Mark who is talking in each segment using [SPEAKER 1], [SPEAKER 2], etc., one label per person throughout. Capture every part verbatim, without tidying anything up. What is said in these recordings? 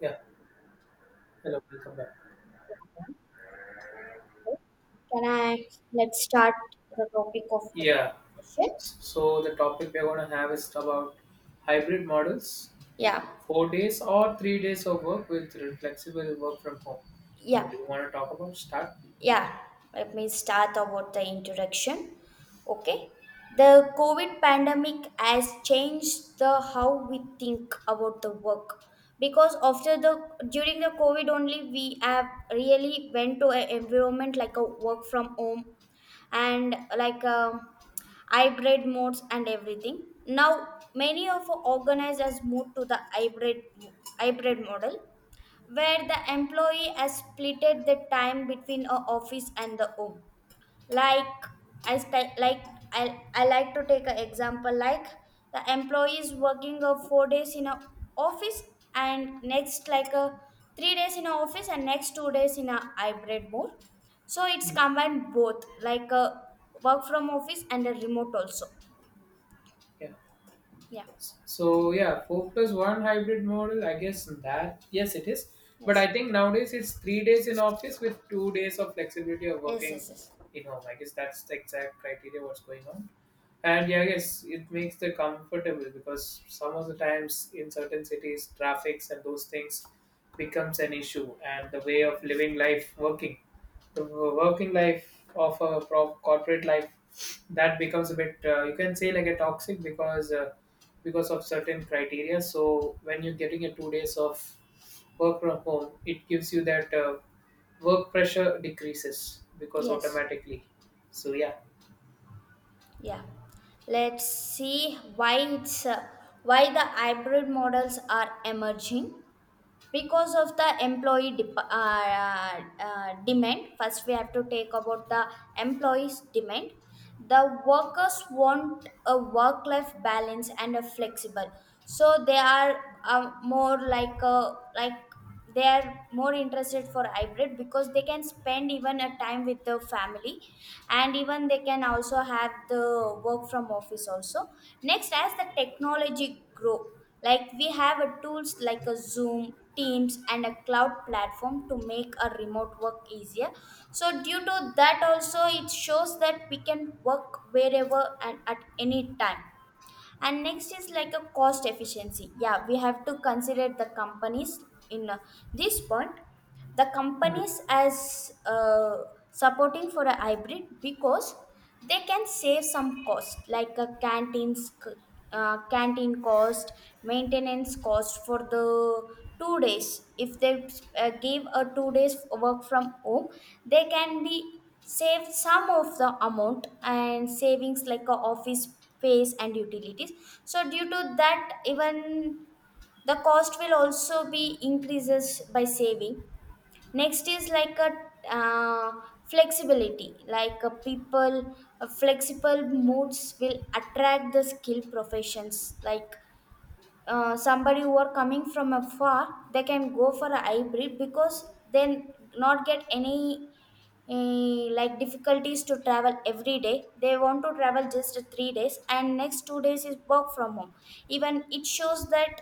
[SPEAKER 1] Yeah, hello, welcome back.
[SPEAKER 2] Can I let's start the topic of
[SPEAKER 1] Yeah,
[SPEAKER 2] the session?
[SPEAKER 1] so the topic we're going to have is about hybrid models,
[SPEAKER 2] Yeah,
[SPEAKER 1] four days or three days of work with flexible work from home. So,
[SPEAKER 2] yeah.
[SPEAKER 1] do you want to talk about start?
[SPEAKER 2] Yeah, let me start about the introduction. Okay. The COVID pandemic has changed the how we think about the work because after the during the COVID only we have really went to an environment like a work from home and like um hybrid modes and everything. Now many of our organizers moved to the hybrid hybrid model where the employee has splitted the time between a office and the home. Like I sti- like I, I like to take an example like the employee is working a four days in a office and next like a three days in a office and next two days in a hybrid mode. So it's
[SPEAKER 1] Mm.
[SPEAKER 2] combined both like a work from office and a remote also.
[SPEAKER 1] Yeah.
[SPEAKER 2] Yeah.
[SPEAKER 1] So yeah, four plus one hybrid model. I guess that yes, it is. But
[SPEAKER 2] Yes.
[SPEAKER 1] I think nowadays it's three days in office with two days of flexibility of
[SPEAKER 2] Yes.
[SPEAKER 1] working
[SPEAKER 2] Yes. Yes.
[SPEAKER 1] in home. I guess that's the exact criteria what's going on. And yeah, I guess it makes the comfortable because some of the times in certain cities, traffics and those things becomes an issue. And the way of living life, working, the working life of a pro- corporate life, that becomes a bit uh, you can say like a toxic because. Uh, because of certain criteria. So when you're getting a two days of work from home, it gives you that uh, work pressure decreases because
[SPEAKER 2] Yes.
[SPEAKER 1] automatically. So yeah.
[SPEAKER 2] Yeah, let's see why it's uh, why the hybrid models are emerging because of the employee dep- uh, uh, uh, demand. First, we have to take about the employees' demand. The workers want a work-life balance and a flexible, so they are uh, more like a like they are more interested for hybrid because they can spend even a time with the family and even they can also have the work from office also. Next, as the technology grow, like we have a tools like a Zoom Teams and a cloud platform to make a remote work easier, so due to that also it shows that we can work wherever and at any time. And next is like a cost efficiency. Yeah, we have to consider the companies in uh, this point. The
[SPEAKER 1] Hmm.
[SPEAKER 2] companies as uh, supporting for a hybrid because they can save some cost like a canteens c- uh, canteen cost, maintenance cost for the two days. If they uh, give a two days work from home, they can be save some of the amount, and savings like a office space and utilities. So due to that, even the cost will also be increases by saving. Next is like a uh, flexibility. Like a people, a flexible moods will attract the skilled professions. Like uh, somebody who are coming from afar, they can go for a hybrid because they not get any eh, like difficulties to travel every day. They want to travel just three days and next two days is work from home. Even it shows that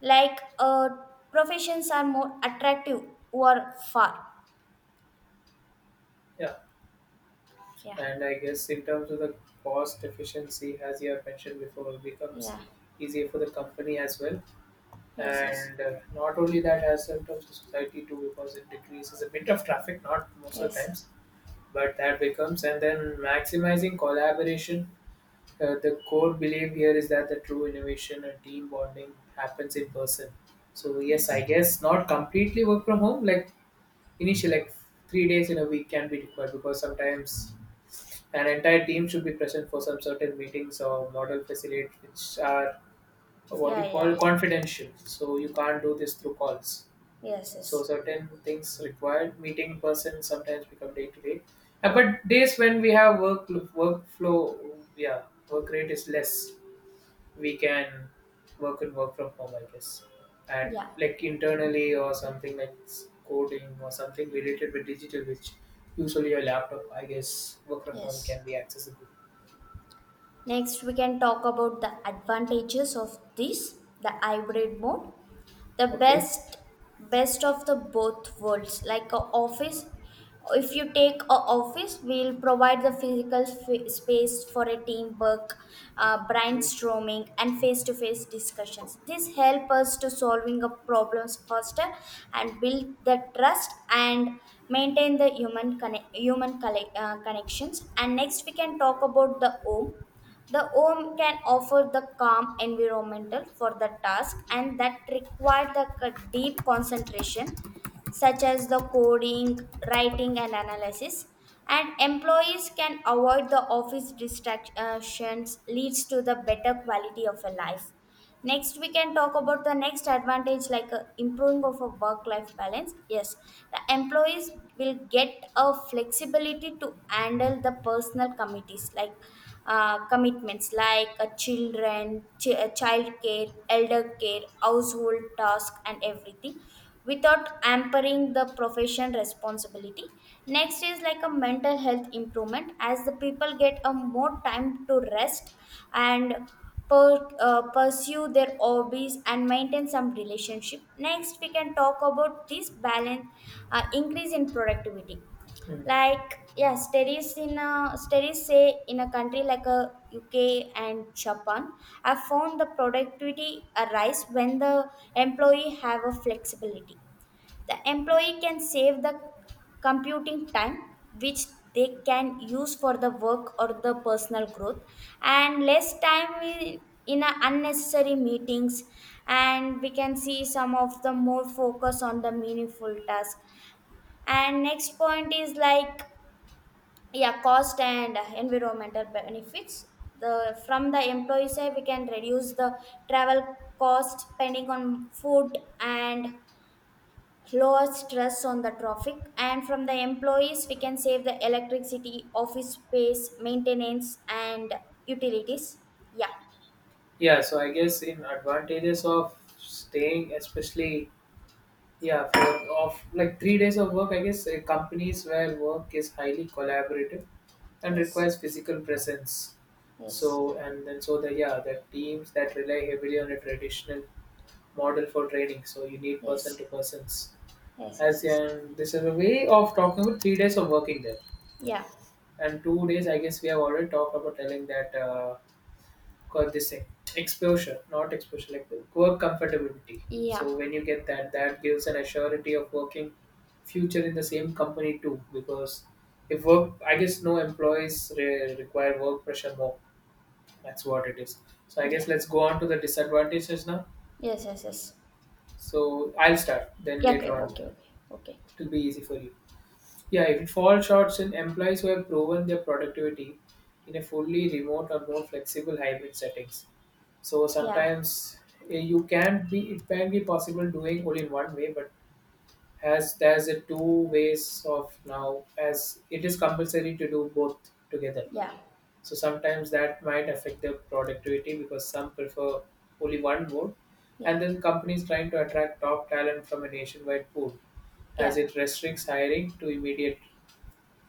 [SPEAKER 2] like uh, professions are more attractive who are far.
[SPEAKER 1] Yeah,
[SPEAKER 2] Yeah.
[SPEAKER 1] and I guess in terms of the cost efficiency, as you have mentioned before, it becomes
[SPEAKER 2] Yeah.
[SPEAKER 1] easier for the company as well.
[SPEAKER 2] Yes, yes.
[SPEAKER 1] And uh, not only that, as in terms of society too, because it decreases a bit of traffic, not most of the
[SPEAKER 2] Yes.
[SPEAKER 1] times, but that becomes and then maximizing collaboration. Uh, the core belief here is that the true innovation and team bonding happens in person. So yes, I
[SPEAKER 2] Yes.
[SPEAKER 1] guess not completely work from home. Like initially, like three days in a week can be required because sometimes an entire team should be present for some certain meetings or model facilitate, which are what
[SPEAKER 2] Yeah.
[SPEAKER 1] you
[SPEAKER 2] Yeah.
[SPEAKER 1] call confidential. So you can't do this through calls.
[SPEAKER 2] Yes.
[SPEAKER 1] So
[SPEAKER 2] Yes.
[SPEAKER 1] certain things required meeting in person sometimes become day to day. Uh, But days when we have work workflow, yeah, work rate is less, we can work and work from home, I guess. And
[SPEAKER 2] Yeah.
[SPEAKER 1] like internally or something like s- coding or something related with digital, which usually your laptop, I guess, work from home
[SPEAKER 2] Yes.
[SPEAKER 1] can be accessible.
[SPEAKER 2] Next, we can talk about the advantages of this, the hybrid mode, the
[SPEAKER 1] Okay.
[SPEAKER 2] best best of the both worlds. Like a office, if you take a office, we'll provide the physical f- space for a teamwork, uh, brainstorming, and face-to-face discussions. This help us to solving of problems faster and build the trust and maintain the human conne- human colle- uh, connections. And next, we can talk about the home the home can offer the calm environmental for the task and that require the c- deep concentration such as the coding, writing and analysis. And employees can avoid the office distractions leads to the better quality of a life. Next, we can talk about the next advantage like uh, improving of a work life balance. Yes, the employees will get a flexibility to handle the personal committees like uh, commitments, like uh, children, ch- uh, child care, elder care, household task, and everything without hampering the profession responsibility. Next is like a mental health improvement as the people get a more time to rest and per, uh, pursue their hobbies and maintain some relationship. Next we can talk about this balance, uh, increase in productivity.
[SPEAKER 1] Mm.
[SPEAKER 2] Like yeah, studies in a studies say in a country like a UK and Japan have found the productivity arise when the employee have a flexibility. The employee can save the computing time which they can use for the work or the personal growth, and less time i- in a unnecessary meetings, and we can see some of the more focus on the meaningful task. And next point is like yeah, cost and environmental benefits. The From the employee side, we can reduce the travel cost, spending on food, and lower stress on the traffic. And from the employees we can save the electricity, office space maintenance and utilities. Yeah.
[SPEAKER 1] Yeah. So I guess in advantages of staying, especially yeah, for of like three days of work, I guess uh, companies where work is highly collaborative and
[SPEAKER 2] Yes,
[SPEAKER 1] requires physical presence.
[SPEAKER 2] yes.
[SPEAKER 1] So and then so the yeah the teams that rely heavily on a traditional model for training. So you need person
[SPEAKER 2] Yes.
[SPEAKER 1] to persons.
[SPEAKER 2] Yes. Yes,
[SPEAKER 1] As
[SPEAKER 2] yes.
[SPEAKER 1] in, this is a way of talking about three days of working there,
[SPEAKER 2] Yeah,
[SPEAKER 1] and two days I guess we have already talked about telling that uh, called this thing exposure, not exposure like the work comfortability.
[SPEAKER 2] yeah.
[SPEAKER 1] So when you get that, that gives an assurity of working future in the same company too. Because if work, I guess no employees re- require work pressure more. That's what it is. So I
[SPEAKER 2] Yeah.
[SPEAKER 1] guess let's go on to the disadvantages now.
[SPEAKER 2] Yes, yes. Yes.
[SPEAKER 1] So I'll start, then
[SPEAKER 2] Yeah, okay,
[SPEAKER 1] later on
[SPEAKER 2] okay, okay, okay.
[SPEAKER 1] it will be easy for you. Yeah, if it falls short in employees who have proven their productivity in a fully remote or more flexible hybrid settings. So
[SPEAKER 2] Yeah.
[SPEAKER 1] sometimes eh, you can be it can be possible doing only in one way, but as there's a two ways of now as it is compulsory to do both together.
[SPEAKER 2] Yeah.
[SPEAKER 1] So sometimes that might affect their productivity because some prefer only one mode.
[SPEAKER 2] Yeah.
[SPEAKER 1] And then companies trying to attract top talent from a nationwide pool,
[SPEAKER 2] Yeah.
[SPEAKER 1] as it restricts hiring to immediate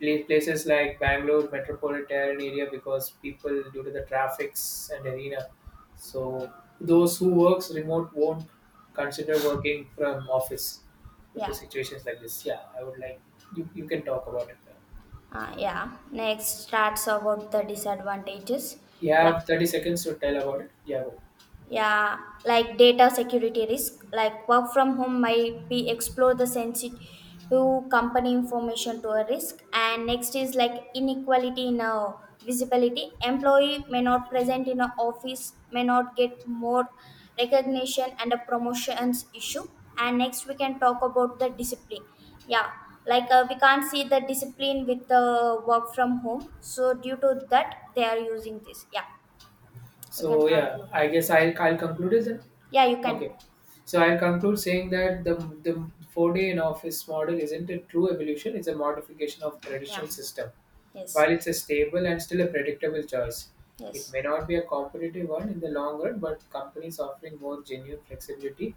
[SPEAKER 1] pla- places like Bangalore metropolitan area because people due to the traffics and arena. So those who works remote won't consider working from office due
[SPEAKER 2] Yeah,
[SPEAKER 1] to situations like this. Yeah, I would like you. You can talk about it. Now.
[SPEAKER 2] uh, yeah next starts about the disadvantages.
[SPEAKER 1] You
[SPEAKER 2] Yeah.
[SPEAKER 1] have thirty seconds to tell about it. Yeah. Go.
[SPEAKER 2] Yeah, like data security risk, like work from home might be explore the sensitive company information to a risk. And next is like inequality in a visibility. Employee may not present in a office, may not get more recognition and a promotions issue. And next we can talk about the discipline. Yeah, like uh, we can't see the discipline with the work from home. So due to that, they are using this. Yeah, you can
[SPEAKER 1] So yeah,
[SPEAKER 2] conclude.
[SPEAKER 1] I guess I'll I'll conclude it then.
[SPEAKER 2] Yeah, you can.
[SPEAKER 1] Okay. So I'll conclude saying that the the four day in office model isn't a true evolution, it's a modification of
[SPEAKER 2] Yeah.
[SPEAKER 1] traditional system.
[SPEAKER 2] Yes.
[SPEAKER 1] While it's a stable and still a predictable choice, it
[SPEAKER 2] Yes.
[SPEAKER 1] may not be a competitive one in the long run, but companies offering more genuine flexibility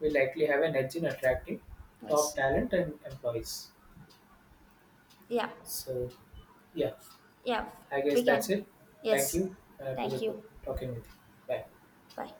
[SPEAKER 1] will likely have an edge in attracting top
[SPEAKER 2] Yes.
[SPEAKER 1] talent and employees.
[SPEAKER 2] Yeah.
[SPEAKER 1] So yeah,
[SPEAKER 2] Yeah.
[SPEAKER 1] I guess
[SPEAKER 2] We
[SPEAKER 1] that's
[SPEAKER 2] can.
[SPEAKER 1] it. Thank
[SPEAKER 2] Yes.
[SPEAKER 1] you. Uh, it was a
[SPEAKER 2] Thank
[SPEAKER 1] good
[SPEAKER 2] you.
[SPEAKER 1] talking with you. Bye.
[SPEAKER 2] Bye.